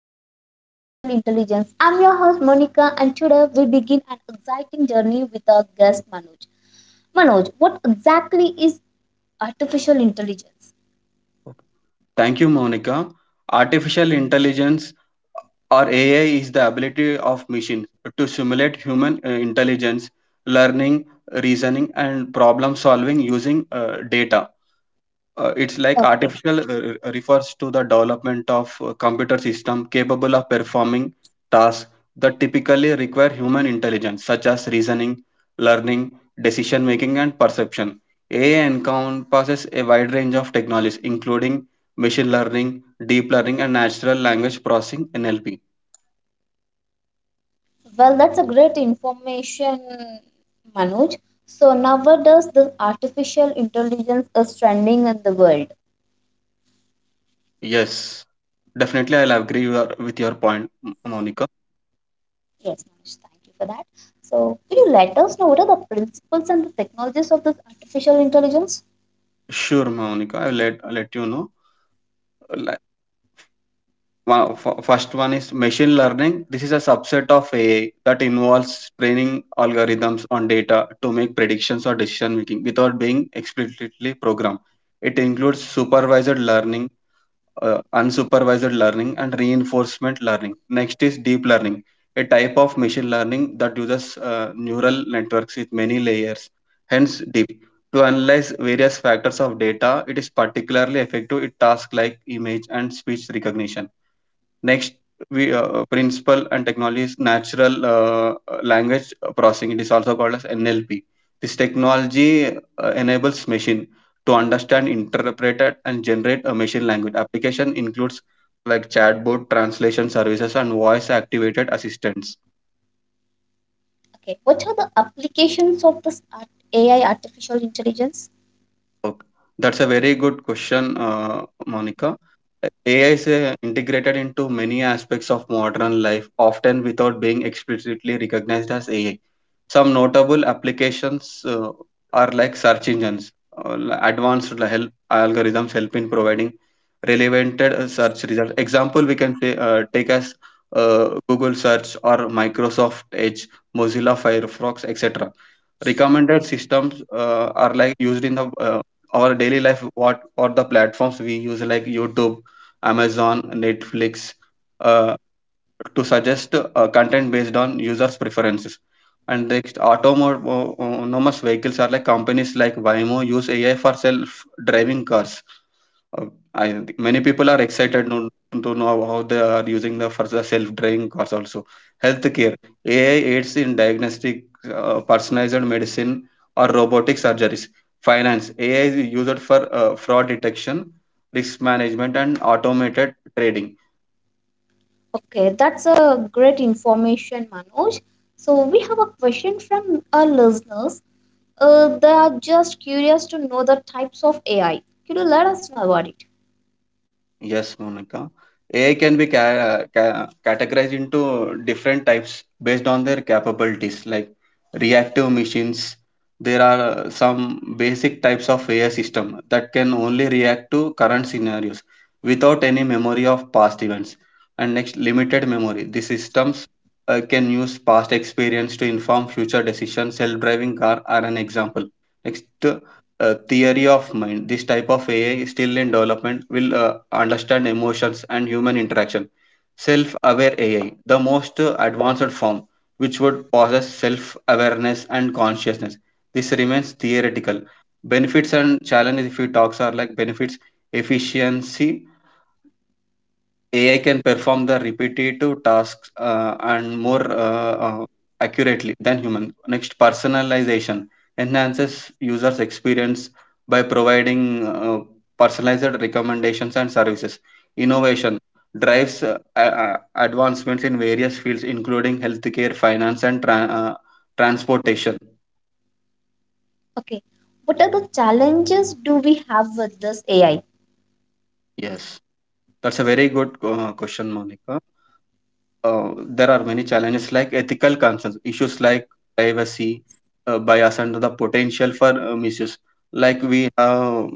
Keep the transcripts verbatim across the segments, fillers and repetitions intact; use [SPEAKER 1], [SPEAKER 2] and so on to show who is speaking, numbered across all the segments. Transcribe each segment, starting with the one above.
[SPEAKER 1] podcast of Artificial Intelligence. I'm your host Monica and today we begin an exciting journey with our guest Manoj. Manoj, what exactly is artificial intelligence?
[SPEAKER 2] Thank you, Monica. Artificial intelligence or A I is the ability of machines to simulate human uh, intelligence, learning, reasoning, and problem solving using uh, data. Uh, it's like
[SPEAKER 1] Okay.
[SPEAKER 2] artificial uh, uh, refers to the development of a computer system capable of performing tasks that typically require human intelligence, such as reasoning, learning, decision making, and perception. A I encompasses a wide range of technologies, including machine learning, deep learning, and natural language processing (N L P).
[SPEAKER 1] Well, that's a great information, Manoj. So nowadays the artificial intelligence is trending in the world.
[SPEAKER 2] Yes, definitely, I'll agree your- with your point, M- Monica.
[SPEAKER 1] Yes, Manoj, thank you for that. So can you let us know what are the principles and the technologies of this artificial intelligence?
[SPEAKER 2] Sure, Monica, I'll let let you know. One, f- first one is machine learning. This is a subset of A I that involves training algorithms on data to make predictions or decision making without being explicitly programmed. It includes supervised learning, uh, unsupervised learning, and reinforcement learning. Next is deep learning, a type of machine learning that uses uh, neural networks with many layers, hence deep. To analyze various factors of data, it is particularly effective in tasks like image and speech recognition. Next, we uh, principle and technology is natural uh, uh, language processing. It is also called as N L P. This technology uh, enables machine to understand, interpret, and generate a machine language. Application includes like chatbot, translation services, and voice-activated assistants.
[SPEAKER 1] Okay, what are the applications of this art, A I, artificial intelligence?
[SPEAKER 2] Okay. That's a very good question, uh, Monica. A I is uh, integrated into many aspects of modern life, often without being explicitly recognized as A I. Some notable applications uh, are like search engines. Uh, advanced help algorithms help in providing relevant uh, search results. Example we can say, uh, take as uh, Google search or Microsoft Edge, Mozilla Firefox, et cetera. Recommended systems uh, are like used in the uh, our daily life. What or the platforms we use like YouTube, Amazon, Netflix, uh, to suggest uh, content based on users' preferences. And next, autonomous vehicles are like companies like Waymo use A I for self-driving cars. Uh, I think many people are excited to, to know how they are using the for the self-driving cars also. Healthcare A I aids in diagnostic, uh, personalized medicine, or robotic surgeries. Finance A I is used for uh, fraud detection, risk management, and automated trading.
[SPEAKER 1] Okay, that's a great information, Manoj. So we have a question from our listeners. Uh, they are just curious to know the types of A I. Could you let us know about it?
[SPEAKER 2] Yes, Monica. A I can be ca- ca- categorized into different types based on their capabilities, like reactive machines. There are uh, some basic types of A I system that can only react to current scenarios without any memory of past events. And next, limited memory. These systems uh, can use past experience to inform future decisions. Self-driving car are an example. Next, uh, theory of mind, this type of AI still in development will uh, understand emotions and human interaction. Self aware AI, the most uh, advanced form, which would possess self awareness and consciousness. This remains theoretical. Benefits and challenges, if we talks, are like benefits, efficiency. A I can perform the repetitive tasks uh, and more uh, uh, accurately than human. Next, personalization enhances users' experience by providing uh, personalized recommendations and services. Innovation drives uh, a- a- advancements in various fields, including healthcare, finance, and tran uh, transportation.
[SPEAKER 1] Okay, what are the challenges do we have with this A I?
[SPEAKER 2] Yes, that's a very good uh, question, Monica. Uh, there are many challenges like ethical concerns, issues like privacy, uh, bias, and the potential for uh, misuse. Like we have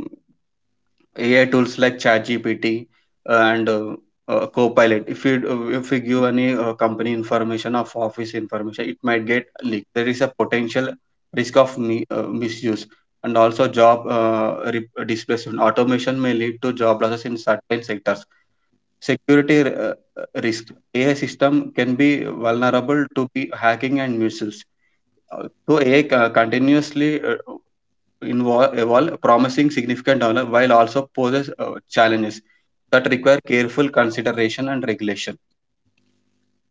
[SPEAKER 2] A I tools like ChatGPT and uh, uh, Copilot. If you uh, if we give any uh, company information or office information, it might get leaked. There is a potential risk of mi- uh, misuse. And also job uh, re- displacement. Automation may lead to job losses in certain sectors. Security uh, uh, risk. A I system can be vulnerable to be hacking and misuse. Uh, So A I co- continuously uh, invo- evolve, promising significant development while also poses uh, challenges that require careful consideration and regulation.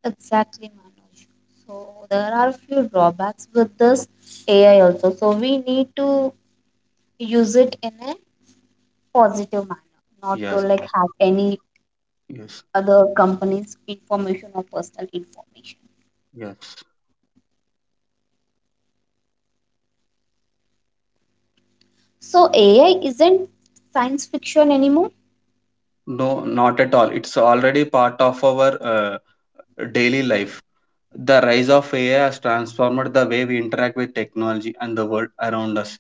[SPEAKER 1] Exactly, Manoj. So there are a few drawbacks with this A I also. So we need to use it in a positive manner, not to
[SPEAKER 2] Yes,
[SPEAKER 1] like have any
[SPEAKER 2] yes,
[SPEAKER 1] other company's information or personal information.
[SPEAKER 2] yes.
[SPEAKER 1] So A I isn't science fiction anymore.
[SPEAKER 2] No, not at all. It's already part of our uh, daily life. The rise of A I has transformed the way we interact with technology and the world around us.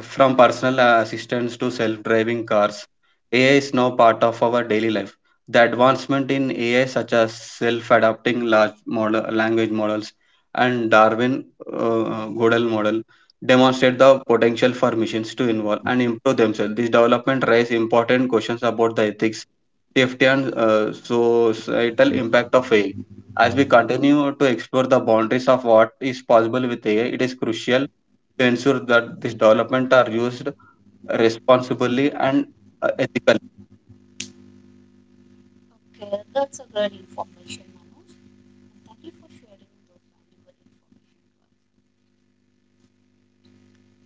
[SPEAKER 2] From personal assistants to self driving cars, A I is now part of our daily life. The advancement in A I, such as self adapting large model, language models and Darwin uh, Godel model, demonstrate the potential for machines to evolve and improve themselves. This development raises important questions about the ethics, safety and uh, societal impact of A I. As we continue to explore the boundaries of what is possible with A I, it is crucial to ensure that these developments are used responsibly and uh, ethically.
[SPEAKER 1] Okay, that's a great information, Manoj. And thank you for sharing those valuable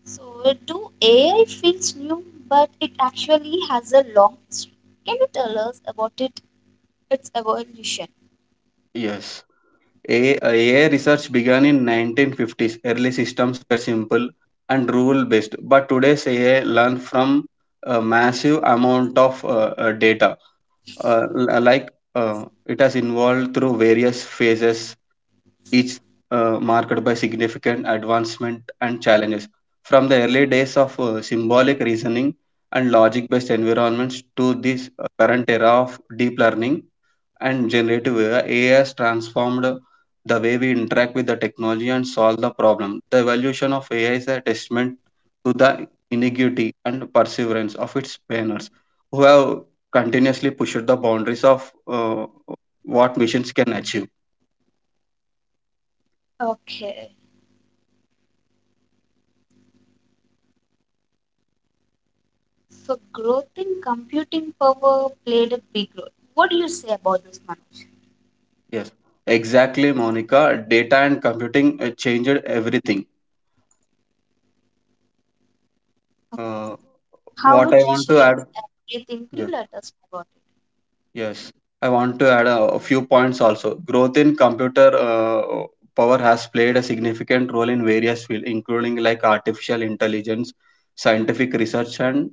[SPEAKER 1] information. So, do A I feels new, but it actually has a long history? Can you tell us about it, its evolution?
[SPEAKER 2] Yes. A I, uh, A I research began in the nineteen fifties. Early systems were simple and rule-based, but today's A I learn from a massive amount of uh, uh, data. Uh, l- like uh, it has evolved through various phases, each uh, marked by significant advancement and challenges. From the early days of uh, symbolic reasoning and logic based environments to this uh, current era of deep learning and generative A I, has transformed the way we interact with the technology and solve the problem. The evolution of A I is a testament to the ingenuity and perseverance of its pioneers who have continuously pushed the boundaries of uh, what machines can achieve.
[SPEAKER 1] Okay, so growth in computing power played a big role. What do you say about this, Manoj?
[SPEAKER 2] Yes, exactly, Monica. Data and computing uh, changed everything.
[SPEAKER 1] Okay,
[SPEAKER 2] Uh,
[SPEAKER 1] how
[SPEAKER 2] what
[SPEAKER 1] it
[SPEAKER 2] I want to
[SPEAKER 1] shapes
[SPEAKER 2] add,
[SPEAKER 1] everything.
[SPEAKER 2] yeah.
[SPEAKER 1] Please let us know about it.
[SPEAKER 2] Yes, I want to add a, a few points also. Growth in computer uh, power has played a significant role in various fields, including like artificial intelligence, scientific research, and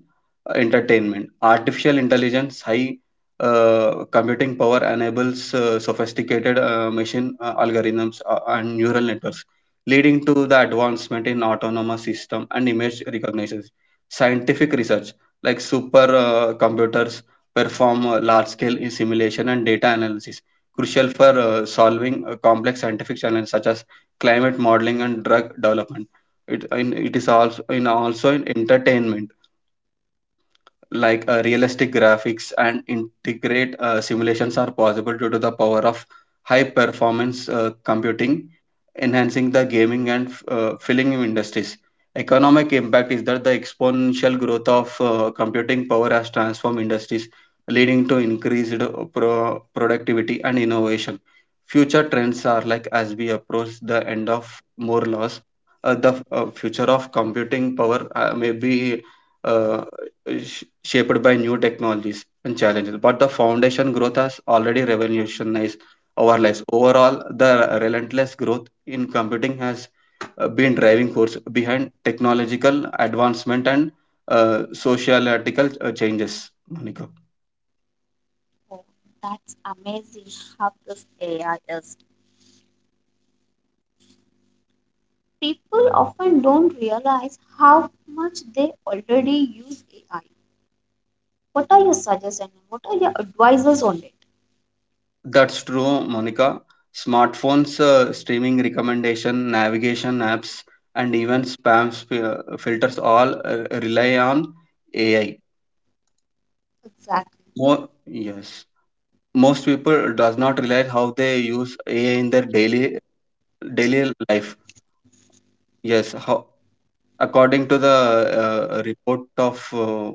[SPEAKER 2] uh, entertainment. Artificial intelligence, high uh, computing power enables uh, sophisticated uh, machine uh, algorithms uh, and neural networks, leading to the advancement in autonomous system and image recognition. Scientific research, like super uh, computers perform uh, large-scale simulation and data analysis, crucial for uh, solving uh, complex scientific challenges such as climate modeling and drug development. It, in, it is also in also in entertainment, like uh, realistic graphics and integrate uh, simulations are possible due to the power of high-performance uh, computing, enhancing the gaming and f- uh, filling industries. Economic impact is that the exponential growth of uh, computing power has transformed industries, leading to increased uh, pro- productivity and innovation. Future trends are like as we approach the end of Moore laws, uh, the uh, future of computing power uh, may be uh, sh- shaped by new technologies and challenges, but the foundation growth has already revolutionized our lives. Overall, the relentless growth in computing has uh, been driving force behind technological advancement and uh, sociological uh, changes. Monica,
[SPEAKER 1] Oh, that's amazing how this A I is. People often don't realize how much they already use A I. What are your suggestions? What are your advices on it?
[SPEAKER 2] that's true, Monica. Smartphones, uh, streaming recommendation, navigation apps, and even spam sp- uh, filters all uh, rely on A I.
[SPEAKER 1] Exactly.
[SPEAKER 2] More, yes, most people does not realize how they use A I in their daily daily life. Yes, how according to the uh, report of uh,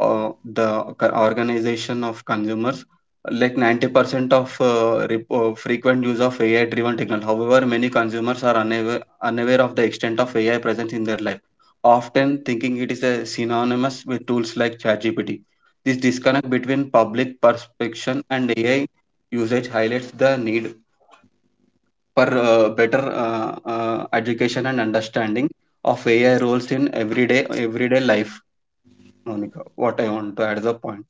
[SPEAKER 2] uh, the co- organization of consumers, like ninety percent of uh, rep- uh, frequent use of AI driven technology. However, many consumers are unaware, unaware of the extent of AI presence in their life, often thinking it is a synonymous with tools like ChatGPT. This disconnect between public perception and AI usage highlights the need for uh, better uh, uh, education and understanding of A I roles in everyday everyday life. Monica, what I want to add is a point.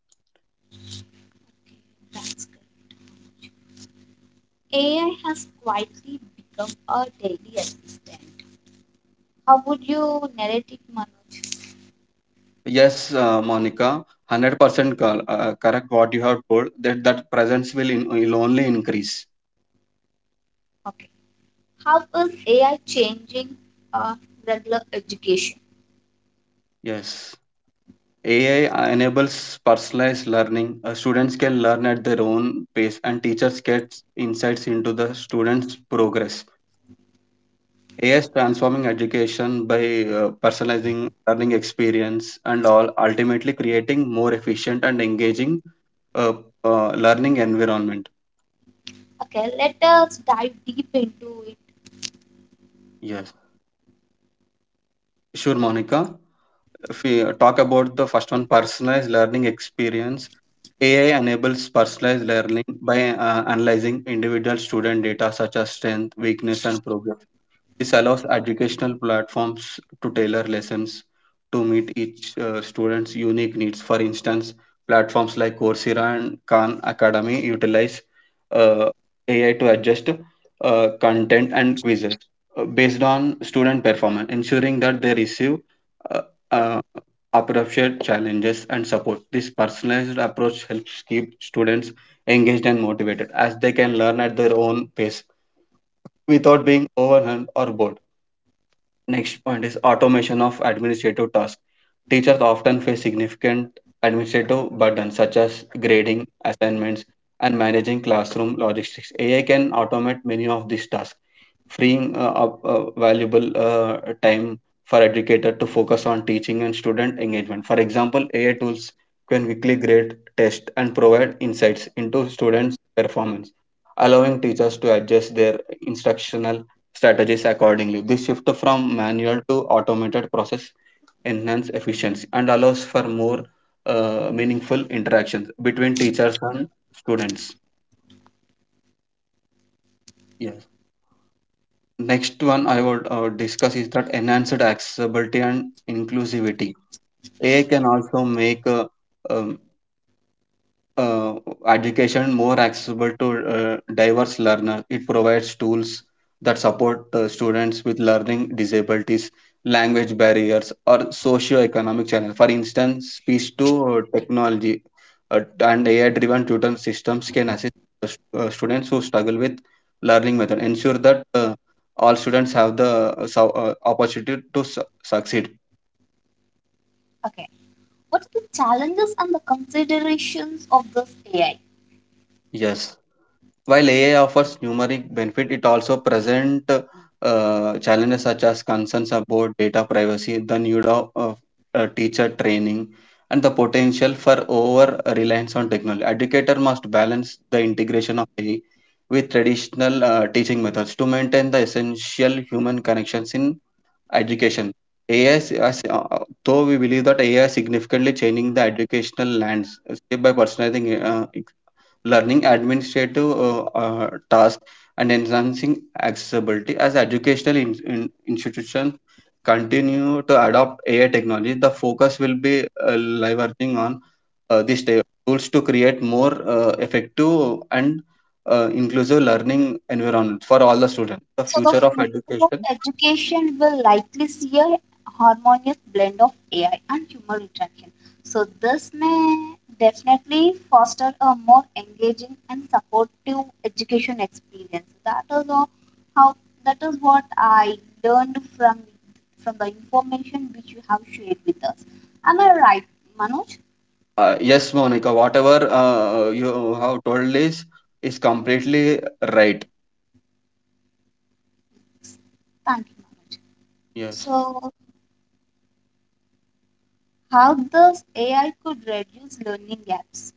[SPEAKER 1] That's correct. A I has quietly become a daily assistant. How would you narrate it, Manoj?
[SPEAKER 2] Yes, uh, Monica, hundred percent correct. What you have told, that that presence will in, will only increase.
[SPEAKER 1] Okay. How is A I changing uh, regular education?
[SPEAKER 2] Yes, A I enables personalized learning. Uh, students can learn at their own pace, and teachers get insights into the students' progress. A I is transforming education by uh, personalizing learning experience and all, ultimately creating more efficient and engaging uh, uh, learning environment.
[SPEAKER 1] Okay, let us dive deep into it.
[SPEAKER 2] Yes, sure, Monica. If we uh, talk about the first one, personalized learning experience, A I enables personalized learning by uh, analyzing individual student data such as strength, weakness, and progress. This allows educational platforms to tailor lessons to meet each uh, student's unique needs. For instance, platforms like Coursera and Khan Academy utilize uh, A I to adjust uh, content and quizzes uh, based on student performance, ensuring that they receive uh, uh, appropriate challenges and support. This personalized approach helps keep students engaged and motivated as they can learn at their own pace without being overwhelmed or bored. Next point is automation of administrative tasks. Teachers often face significant administrative burdens such as grading, assignments, and managing classroom logistics. A I can automate many of these tasks, freeing uh, up uh, valuable uh, time for educator to focus on teaching and student engagement. For example, A I tools can quickly grade, test, and provide insights into students' performance, allowing teachers to adjust their instructional strategies accordingly. This shift from manual to automated process enhance efficiency and allows for more uh, meaningful interactions between teachers and students. Yes. Next one I would uh, discuss is that enhanced accessibility and inclusivity. A I can also make uh, um, uh, education more accessible to uh, diverse learners. It provides tools that support uh, students with learning disabilities, language barriers, or socio-economic challenges. For instance, speech to uh, technology uh, and A I-driven tutoring systems can assist the stu- uh, students who struggle with learning method, ensure that uh, all students have the uh, so- uh, opportunity to su- succeed.
[SPEAKER 1] Okay, what are the challenges and the considerations of this A I?
[SPEAKER 2] Yes. While A I offers numeric benefit, it also present uh, challenges such as concerns about data privacy, the need of uh, teacher training, and the potential for over reliance on technology. Educator must balance the integration of A I with traditional uh, teaching methods to maintain the essential human connections in education. A I, is- as, uh, though we believe that A I is significantly changing the educational lands, step by personalizing uh, learning administrative uh, uh, tasks and enhancing accessibility as educational in, in institutions continue to adopt A I technology. The focus will be uh, leveraging on uh, these ta- tools to create more uh, effective and uh, inclusive learning environment for all the students. The
[SPEAKER 1] So the
[SPEAKER 2] future of
[SPEAKER 1] future of
[SPEAKER 2] education.
[SPEAKER 1] education will likely see a harmonious blend of A I and human interaction. So this may definitely foster a more engaging and supportive education experience. That is all, how that is what I learned from from the information which you have shared with us. Am I right, Manoj?
[SPEAKER 2] Uh, yes, Monica, whatever uh, you have told is is completely right.
[SPEAKER 1] Thank you, Manoj.
[SPEAKER 2] Yes.
[SPEAKER 1] So how this A I could reduce learning gaps.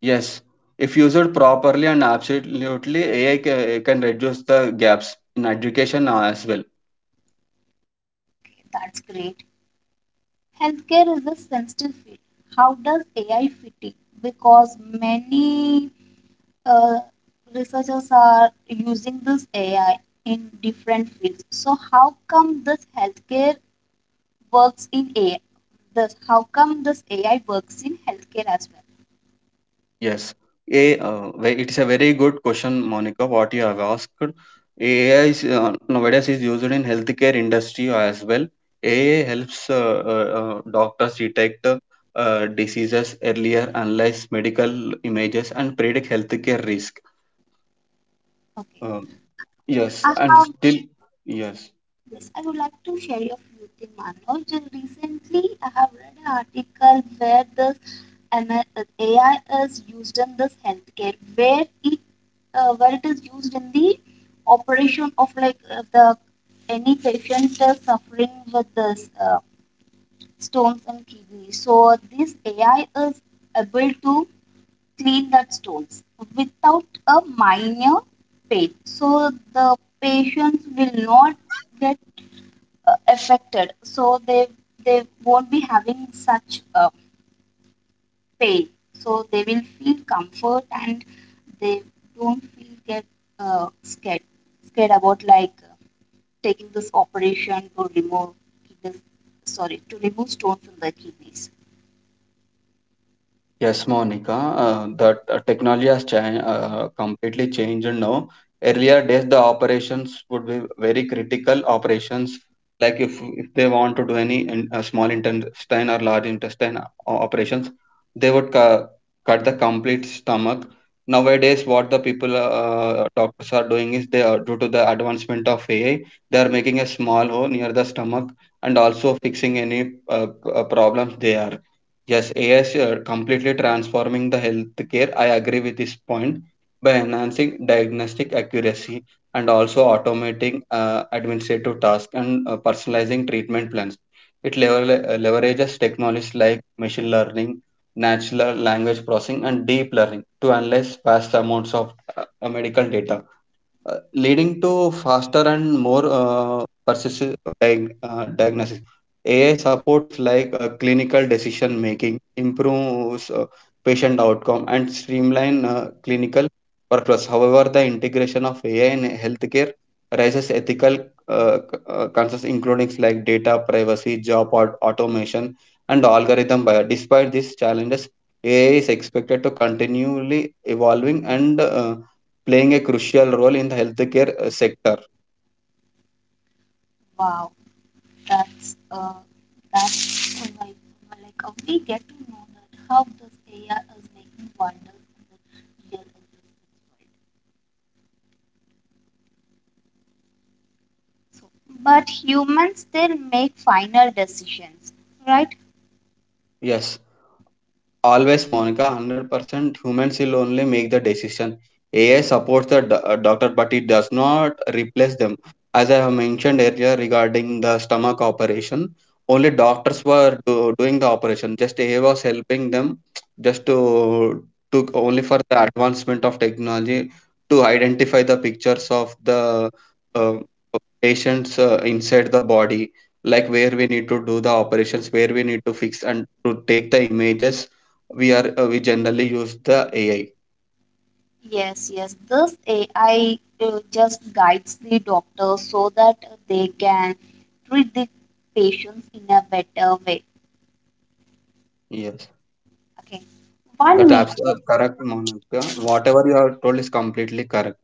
[SPEAKER 2] Yes, if used properly and absolutely, A I ca- can reduce the gaps in education uh, as well.
[SPEAKER 1] Okay, that's great. Healthcare is a sensitive field. How does A I fit in? Because many uh, researchers are using this A I in different fields. So how come this healthcare works in A I? This how come this A I works in healthcare as well?
[SPEAKER 2] Yes, a uh, ve- it is a very good question, Monica. What you have asked, A I is, uh, nowadays is used in healthcare industry as well. A I helps uh, uh, uh, doctors detect uh, diseases earlier, analyze medical images, and predict healthcare risk.
[SPEAKER 1] Okay,
[SPEAKER 2] Um, yes,
[SPEAKER 1] I
[SPEAKER 2] and
[SPEAKER 1] have
[SPEAKER 2] still, yes.
[SPEAKER 1] yes. I would like to share a few things, Manoj. Recently, I have read an article where the uh, A I is used in this healthcare where it uh, where it is used in the operation of like uh, the any patient is suffering with this uh, stones in kidney. So this A I is able to clean that stones without a minor pain. So the patients will not get uh, affected. So they they won't be having such uh, pain, so they will feel comfort and they don't feel get uh, scared scared about like uh, taking this operation to remove kidneys, sorry, to remove stone from the kidneys.
[SPEAKER 2] Yes, Monica, uh, that uh, technology has changed, uh, completely changed now. Earlier days, the operations would be very critical operations, like if if they want to do any in, uh, small intestine or large intestine o- operations, they would cu- cut the complete stomach. Nowadays, what the people, uh, uh, doctors are doing is they are due to the advancement of A I, they are making a small hole near the stomach and also fixing any uh, p- uh, problems there. Yes, A Is are completely transforming the healthcare. I agree with this point by enhancing diagnostic accuracy and also automating uh, administrative tasks and uh, personalizing treatment plans. It level, uh, leverages technologies like machine learning, natural language processing, and deep learning to analyze vast amounts of uh, medical data uh, leading to faster and more uh, precise diag- uh, diagnosis. A I supports like uh, clinical decision making, improves uh, patient outcome, and streamline uh, clinical workflows. However, the integration of A I in healthcare raises ethical uh, c- uh, concerns, including like data privacy, job aut- automation, and algorithm bias. Despite these challenges, A I is expected to continually evolving and uh, playing a crucial role in the healthcare uh, sector.
[SPEAKER 1] Wow, that's uh, that's all, like like uh, we get to know that how this A I is making wonders in the real existence world. So but humans still make final decisions, right?
[SPEAKER 2] Yes, always, Monica, one hundred percent humans will only make the decision. A I supports the do- uh, doctor, but it does not replace them. As I have mentioned earlier regarding the stomach operation, only doctors were do, doing the operation. Just A I was helping them, just to to only for the advancement of technology to identify the pictures of the uh, patients uh, inside the body, like where we need to do the operations, where we need to fix and to take the images we are uh, we generally use the A I.
[SPEAKER 1] Yes, yes. This A I uh, just guides the doctor so that they can treat the patients in a better way.
[SPEAKER 2] Yes,
[SPEAKER 1] Okay. One
[SPEAKER 2] that apps
[SPEAKER 1] major,
[SPEAKER 2] are correct, Monica. Whatever you are told is completely correct.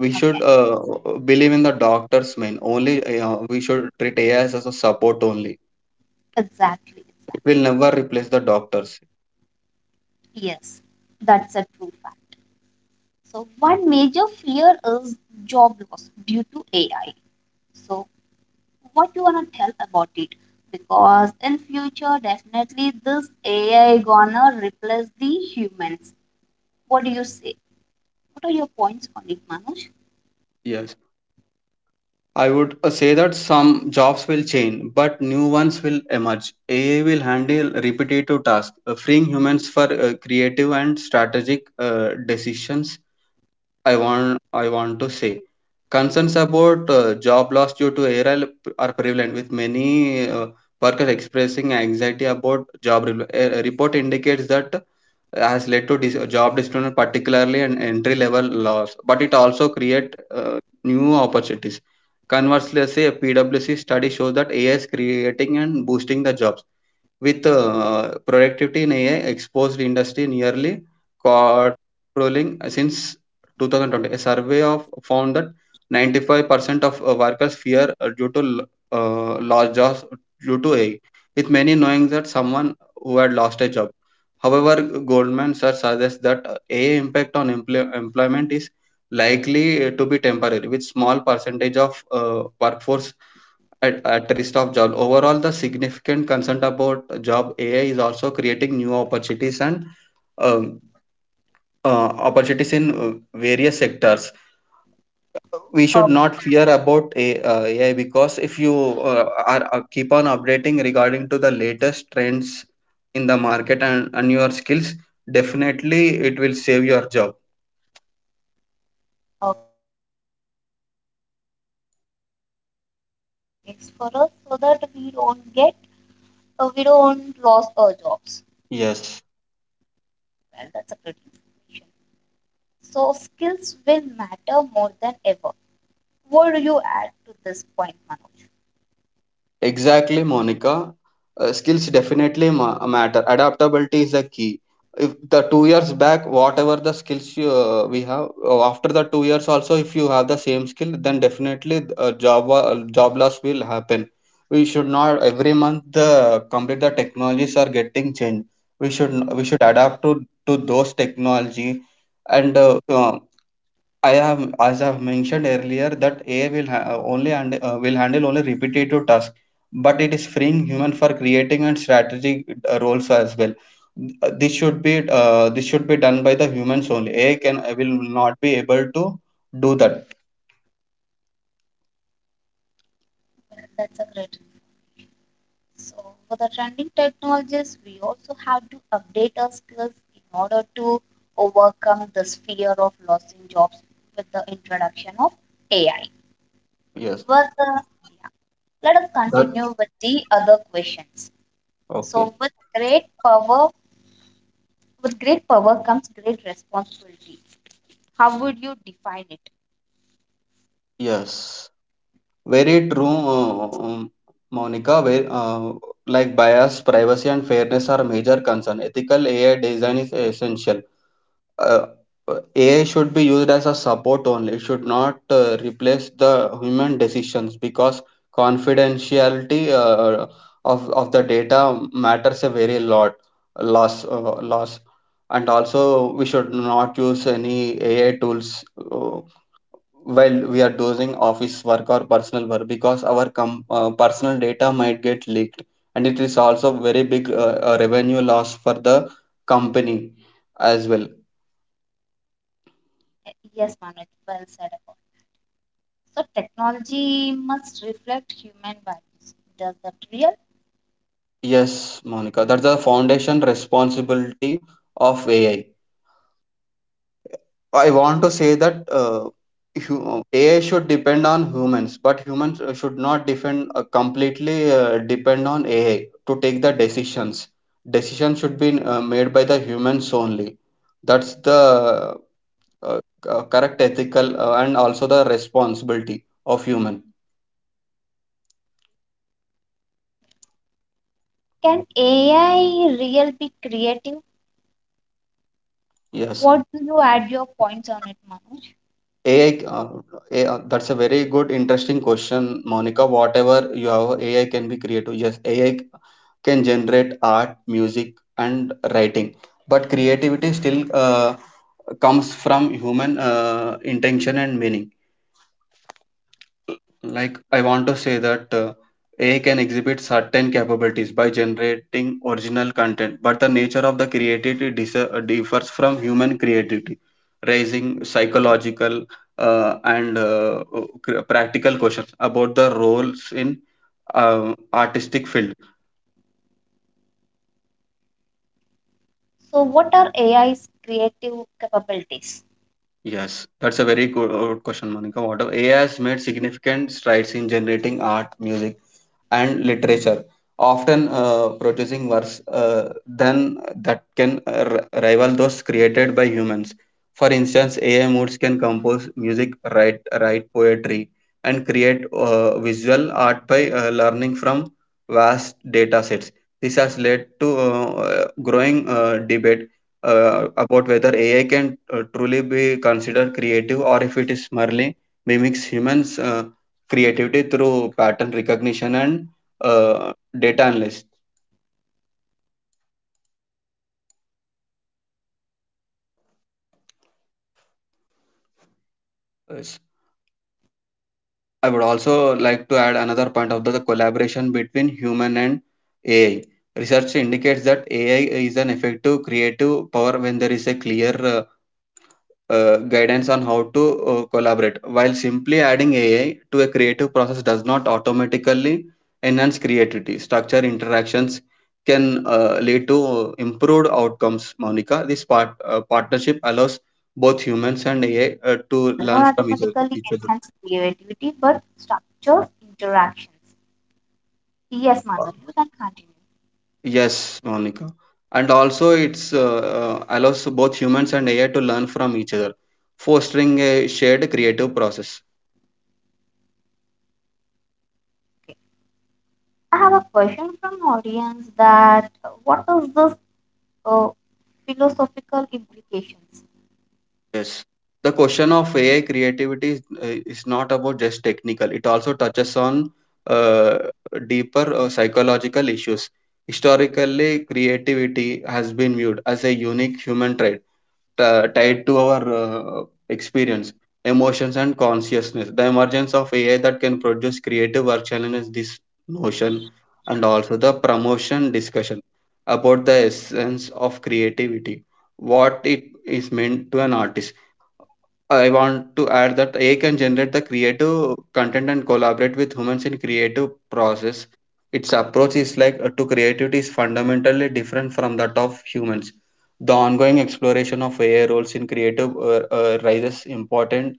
[SPEAKER 2] We should
[SPEAKER 1] okay,
[SPEAKER 2] uh, believe in the doctor's main. Only uh, we should treat A I as a support only.
[SPEAKER 1] exactly,
[SPEAKER 2] It will
[SPEAKER 1] exactly.
[SPEAKER 2] never replace the doctors.
[SPEAKER 1] Yes, that's a true fact. So, one major fear is job loss due to A I. So, what you wanna tell about it? Because in future, definitely this A I gonna replace the humans. What do you say? What are your points on it, Manoj?
[SPEAKER 2] Yes, I would uh, say that some jobs will change, but new ones will emerge. A I will handle repetitive tasks, uh, freeing humans for uh, creative and strategic uh, decisions I want I want to say. Concerns about uh, job loss due to A I are prevalent, with many uh, workers expressing anxiety about job. rel- A a report indicates that has led to dis- job disruption, particularly an entry level loss, but it also create uh, new opportunities. Conversely, say a PwC study shows that A I is creating and boosting the jobs with uh, productivity in A I exposed industry nearly quadrupling since two thousand twenty. A survey of found that ninety-five percent of uh, workers fear uh, due to l- uh, lost jobs due to A I, with many knowing that someone who had lost a job. However, Goldman Sachs suggests that uh, A I impact on employ- employment is likely uh, to be temporary, with small percentage of uh, workforce at, at risk of job. Overall, the significant concern about job A I is also creating new opportunities and um, uh, opportunities in uh, various sectors. We should
[SPEAKER 1] Okay,
[SPEAKER 2] not fear about A- uh, A I because if you uh, are uh, keep on updating regarding to the latest trends in the market and, and your skills, definitely it will save your job.
[SPEAKER 1] okay. So A I also creates new jobs and responsibilities for us so that we don't get, uh, we don't lose our jobs.
[SPEAKER 2] Yes.
[SPEAKER 1] Well, that's a great information. So skills will matter more than ever. What do you add to this point, Manoj?
[SPEAKER 2] Exactly, Monica. Uh, skills definitely ma- matter. Adaptability is a key. If the two years back, whatever the skills you, uh, we have, uh, after the two years also, if you have the same skill, then definitely uh, job wa- uh, job loss will happen. We should not every month the complete the technologies are getting changed. We should we should adapt to to those technology and uh, uh, I have, as I have mentioned earlier, that A I will ha- only and uh, will handle only repetitive tasks, but it is freeing human for creating and strategic uh, roles as well. Uh, This should be uh, this should be done by the humans only. A I can will not be able to do that.
[SPEAKER 1] Well, that's a great info. So for the trending technologies, we also have to update our skills in order to overcome this fear of losing jobs with the introduction of A I.
[SPEAKER 2] Yes.
[SPEAKER 1] But the let us
[SPEAKER 2] That
[SPEAKER 1] continue with the other questions.
[SPEAKER 2] okay.
[SPEAKER 1] So with great power, with great power comes great responsibility. How would you define it?
[SPEAKER 2] Yes. Very true, uh, um, Monica. Where, uh, like bias, privacy, and fairness are major concern. Ethical A I design is essential. uh, uh, A I should be used as a support only. It should not uh, replace the human decisions because confidentiality uh, of of the data matters a very lot loss uh, loss, and also we should not use any A I tools uh, while we are doing office work or personal work because our com- uh, personal data might get leaked and it is also very big uh, uh, revenue loss for the company as well.
[SPEAKER 1] Eh, Yes, Manoj, well said about it. So technology must reflect human values. Does that real?
[SPEAKER 2] Yes, Monica, that's the foundation responsibility of A I. I I want to say that uh, hu- A I should depend on humans, but humans uh, should not depend uh, completely uh, depend on A I to take the decisions. Decisions should be uh, made by the humans only. That's the uh, uh, correct ethical uh, and also the responsibility of human.
[SPEAKER 1] Can A I real be creative?
[SPEAKER 2] Yes.
[SPEAKER 1] What do you add your points on it, Manoj?
[SPEAKER 2] A I, uh, A I, that's a very good, interesting question, Monica. Whatever you have, A I can be creative. Yes, A I can generate art, music, and writing, but creativity still uh, comes from human uh, intention and meaning. Like, I want to say that uh, A I can exhibit certain capabilities by generating original content, but the nature of the creativity dis- uh, differs from human creativity, raising psychological uh, and uh, uh, cr- practical questions about the roles in uh, artistic field.
[SPEAKER 1] So what are A I's creative capabilities?
[SPEAKER 2] Yes, that's a very good uh, question, Monica. What A I has made significant strides in generating art, music, and literature, often uh, producing works uh, than that can uh, rival those created by humans. For instance, A I moods can compose music, write write poetry, and create uh, visual art by uh, learning from vast data sets. This has led to uh, uh, growing uh, debate uh, about whether A I can uh, truly be considered creative or if it is merely mimics humans' uh, creativity through pattern recognition and uh, data analyst.
[SPEAKER 1] All right. Hmm. What are the what are the difference between what are the
[SPEAKER 2] Yes.
[SPEAKER 1] collapse? I'm sorry, I'd
[SPEAKER 2] I would
[SPEAKER 1] rephrase it.
[SPEAKER 2] also like to add another point of the, the collaboration between human and A I. Research indicates that A I is an effective creative power when there is a clear uh, uh, guidance on how to uh, collaborate, while simply adding A I to a creative process does not automatically enhance creativity. Structure interactions can uh, lead to uh,
[SPEAKER 1] Yes,
[SPEAKER 2] improved outcomes,
[SPEAKER 1] definitely.
[SPEAKER 2] Monica. This part,
[SPEAKER 1] A I,
[SPEAKER 2] uh,
[SPEAKER 1] while
[SPEAKER 2] partnership
[SPEAKER 1] simply adding
[SPEAKER 2] allows
[SPEAKER 1] A I to a
[SPEAKER 2] both humans
[SPEAKER 1] creative
[SPEAKER 2] and A I
[SPEAKER 1] process,
[SPEAKER 2] uh,
[SPEAKER 1] it
[SPEAKER 2] to
[SPEAKER 1] does not
[SPEAKER 2] learn from each other.
[SPEAKER 1] automatically
[SPEAKER 2] Each other.
[SPEAKER 1] enhance creativity but structures interactions. Yes, Manoj, you can continue.
[SPEAKER 2] Yes, Monica. And also, it's uh, uh, allows both humans and A I to learn from each other, fostering a shared creative process.
[SPEAKER 1] Okay. I have a question from audience that uh, what is this uh, philosophical implications?
[SPEAKER 2] Yes. The question of A I creativity is, uh, is not about just technical. It also touches on uh, deeper uh, psychological issues. Historically, creativity has been viewed as a unique human trait uh, tied to our uh, experience, emotions, and consciousness. The emergence of A I that can produce creative work challenges this notion and also the promotion discussion about the essence of creativity, what it is meant to an artist. I want to add that A I can generate the creative content and collaborate with humans in creative process. Its approach is like uh, to creativity is fundamentally different from that of humans. The ongoing exploration of A I roles in creative uh, uh, raises important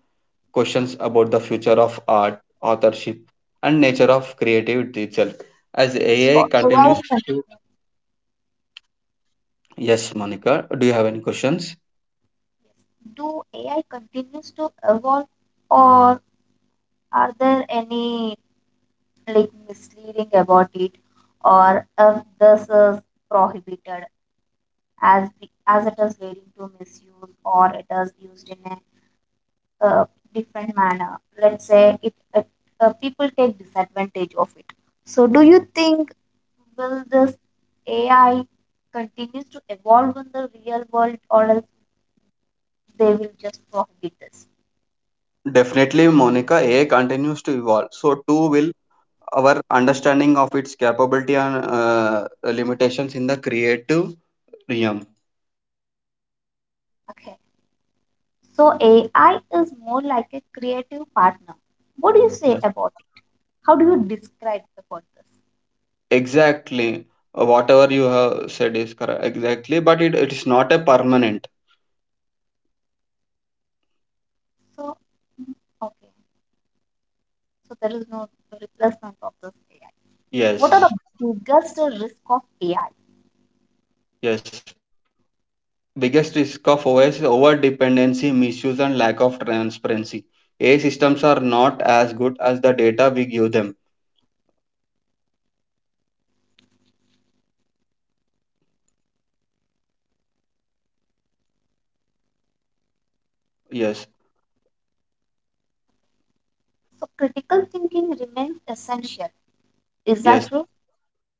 [SPEAKER 2] questions about the future of art, authorship, and nature of creativity itself. As
[SPEAKER 1] So
[SPEAKER 2] A I continues
[SPEAKER 1] A I
[SPEAKER 2] to.
[SPEAKER 1] continues,
[SPEAKER 2] Yes, Monica, do you have any questions?
[SPEAKER 1] yes. Do A I continues to evolve or are there any like misleading about it, or if this is prohibited as be- as it is leading to misuse or it is used in a uh, different manner, let's say it, it uh, people take disadvantage of it? So do you think will this AI continues to evolve in the real world, or else they will just prohibit this?
[SPEAKER 2] Definitely, Monica, A I continues to evolve. So, too will our understanding of its capability and uh, limitations in the creative realm.
[SPEAKER 1] Okay, so AI is more like a creative partner. What do you say
[SPEAKER 2] Yes.
[SPEAKER 1] about it? How do you describe the process?
[SPEAKER 2] Exactly. Uh, Whatever you have said is correct. Exactly. But it, it is not a permanent.
[SPEAKER 1] So, mm, okay, so there is no replacement of this A I. What are
[SPEAKER 2] Yes.
[SPEAKER 1] the biggest risk of A I?
[SPEAKER 2] Yes. Biggest risk of O S is over dependency, misuse, and lack of transparency. A I systems are not as good as the data we give them. Yes.
[SPEAKER 1] So, critical thinking remains essential. Is that
[SPEAKER 2] Yes.
[SPEAKER 1] true?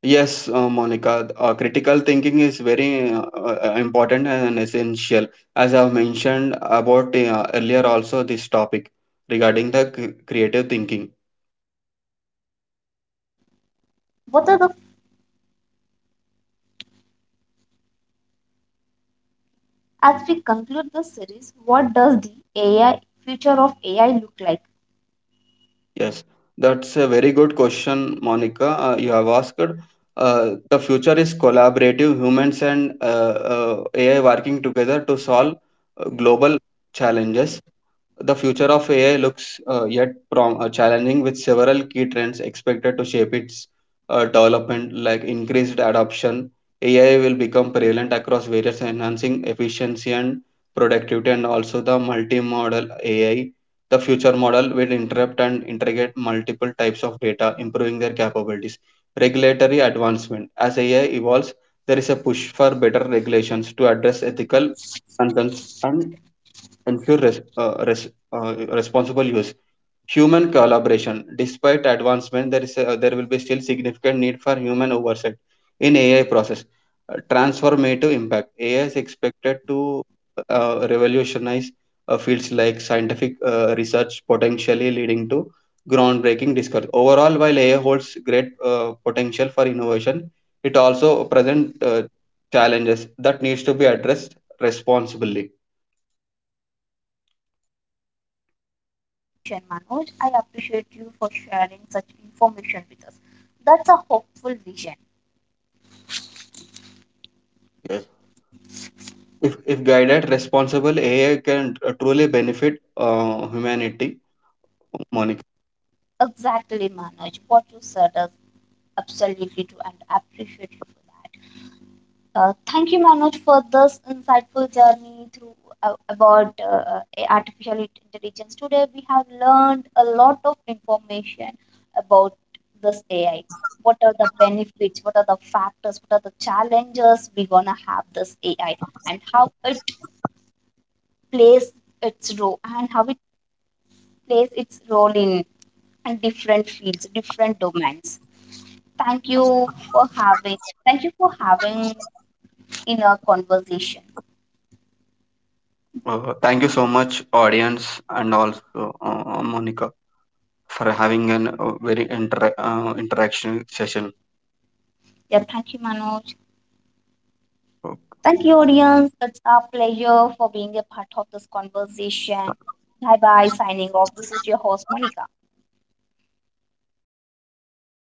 [SPEAKER 2] Yes, uh, Monica, uh, critical thinking is very uh, uh, important and essential. As I've mentioned about uh, earlier,
[SPEAKER 1] Yes,
[SPEAKER 2] also
[SPEAKER 1] Manoj.
[SPEAKER 2] this
[SPEAKER 1] That
[SPEAKER 2] topic
[SPEAKER 1] is more than
[SPEAKER 2] regarding the
[SPEAKER 1] ever.
[SPEAKER 2] cre-
[SPEAKER 1] So,
[SPEAKER 2] creative thinking.
[SPEAKER 1] critical thinking remains essential. What are the as we conclude this series? What does the A I future of A I look like?
[SPEAKER 2] Yes, that's a very good question, Monica. Uh, you have asked. Uh, the future is collaborative, humans and uh, uh, A I working together to solve uh, global challenges. The future of A I looks uh, yet prom- uh, challenging with several key trends expected to shape its uh, development, like increased adoption. A I will become prevalent across various enhancing efficiency and productivity, and also the multi-model A I. The future model will interrupt and integrate multiple types of data, improving their capabilities. Regulatory advancement. As A I evolves, there is a push for better regulations to address ethical concerns and and few res- uh, res- uh, responsible use. Human collaboration. Despite advancement, there is a, there will be still significant need for human oversight in A I process. Uh, transformative impact. A I is expected to uh, revolutionize uh, fields like scientific uh, research, potentially leading to groundbreaking discovery. Overall, while A I holds great uh, potential for innovation, it also presents uh, challenges that needs to be addressed responsibly.
[SPEAKER 1] Well, that's a valuable information, Manoj. I appreciate you for sharing such information with us. That's a hopeful vision.
[SPEAKER 2] Yes. If, if guided, responsible A I can uh, truly benefit uh, humanity, Monica.
[SPEAKER 1] Exactly, Manoj. What you said is absolutely true, and I appreciate you for that. Uh, thank you, Manoj, for this insightful journey through uh, about uh, uh, artificial intelligence. Today, we have learned a lot of information about this A I. What are the benefits? What are the factors? What are the challenges we gonna have this A I, and how it plays its role, and how it plays its role in different fields, different domains. Thank you for having. Thank you for having in our conversation.
[SPEAKER 2] Uh, thank you so much, audience, and also uh, Monica, for having an uh, very inter- uh, interaction session.
[SPEAKER 1] Yeah, thank you, Manoj. Thank you, audience. It's our pleasure for being a part of this conversation. Bye bye, signing off. This is your host, Monica.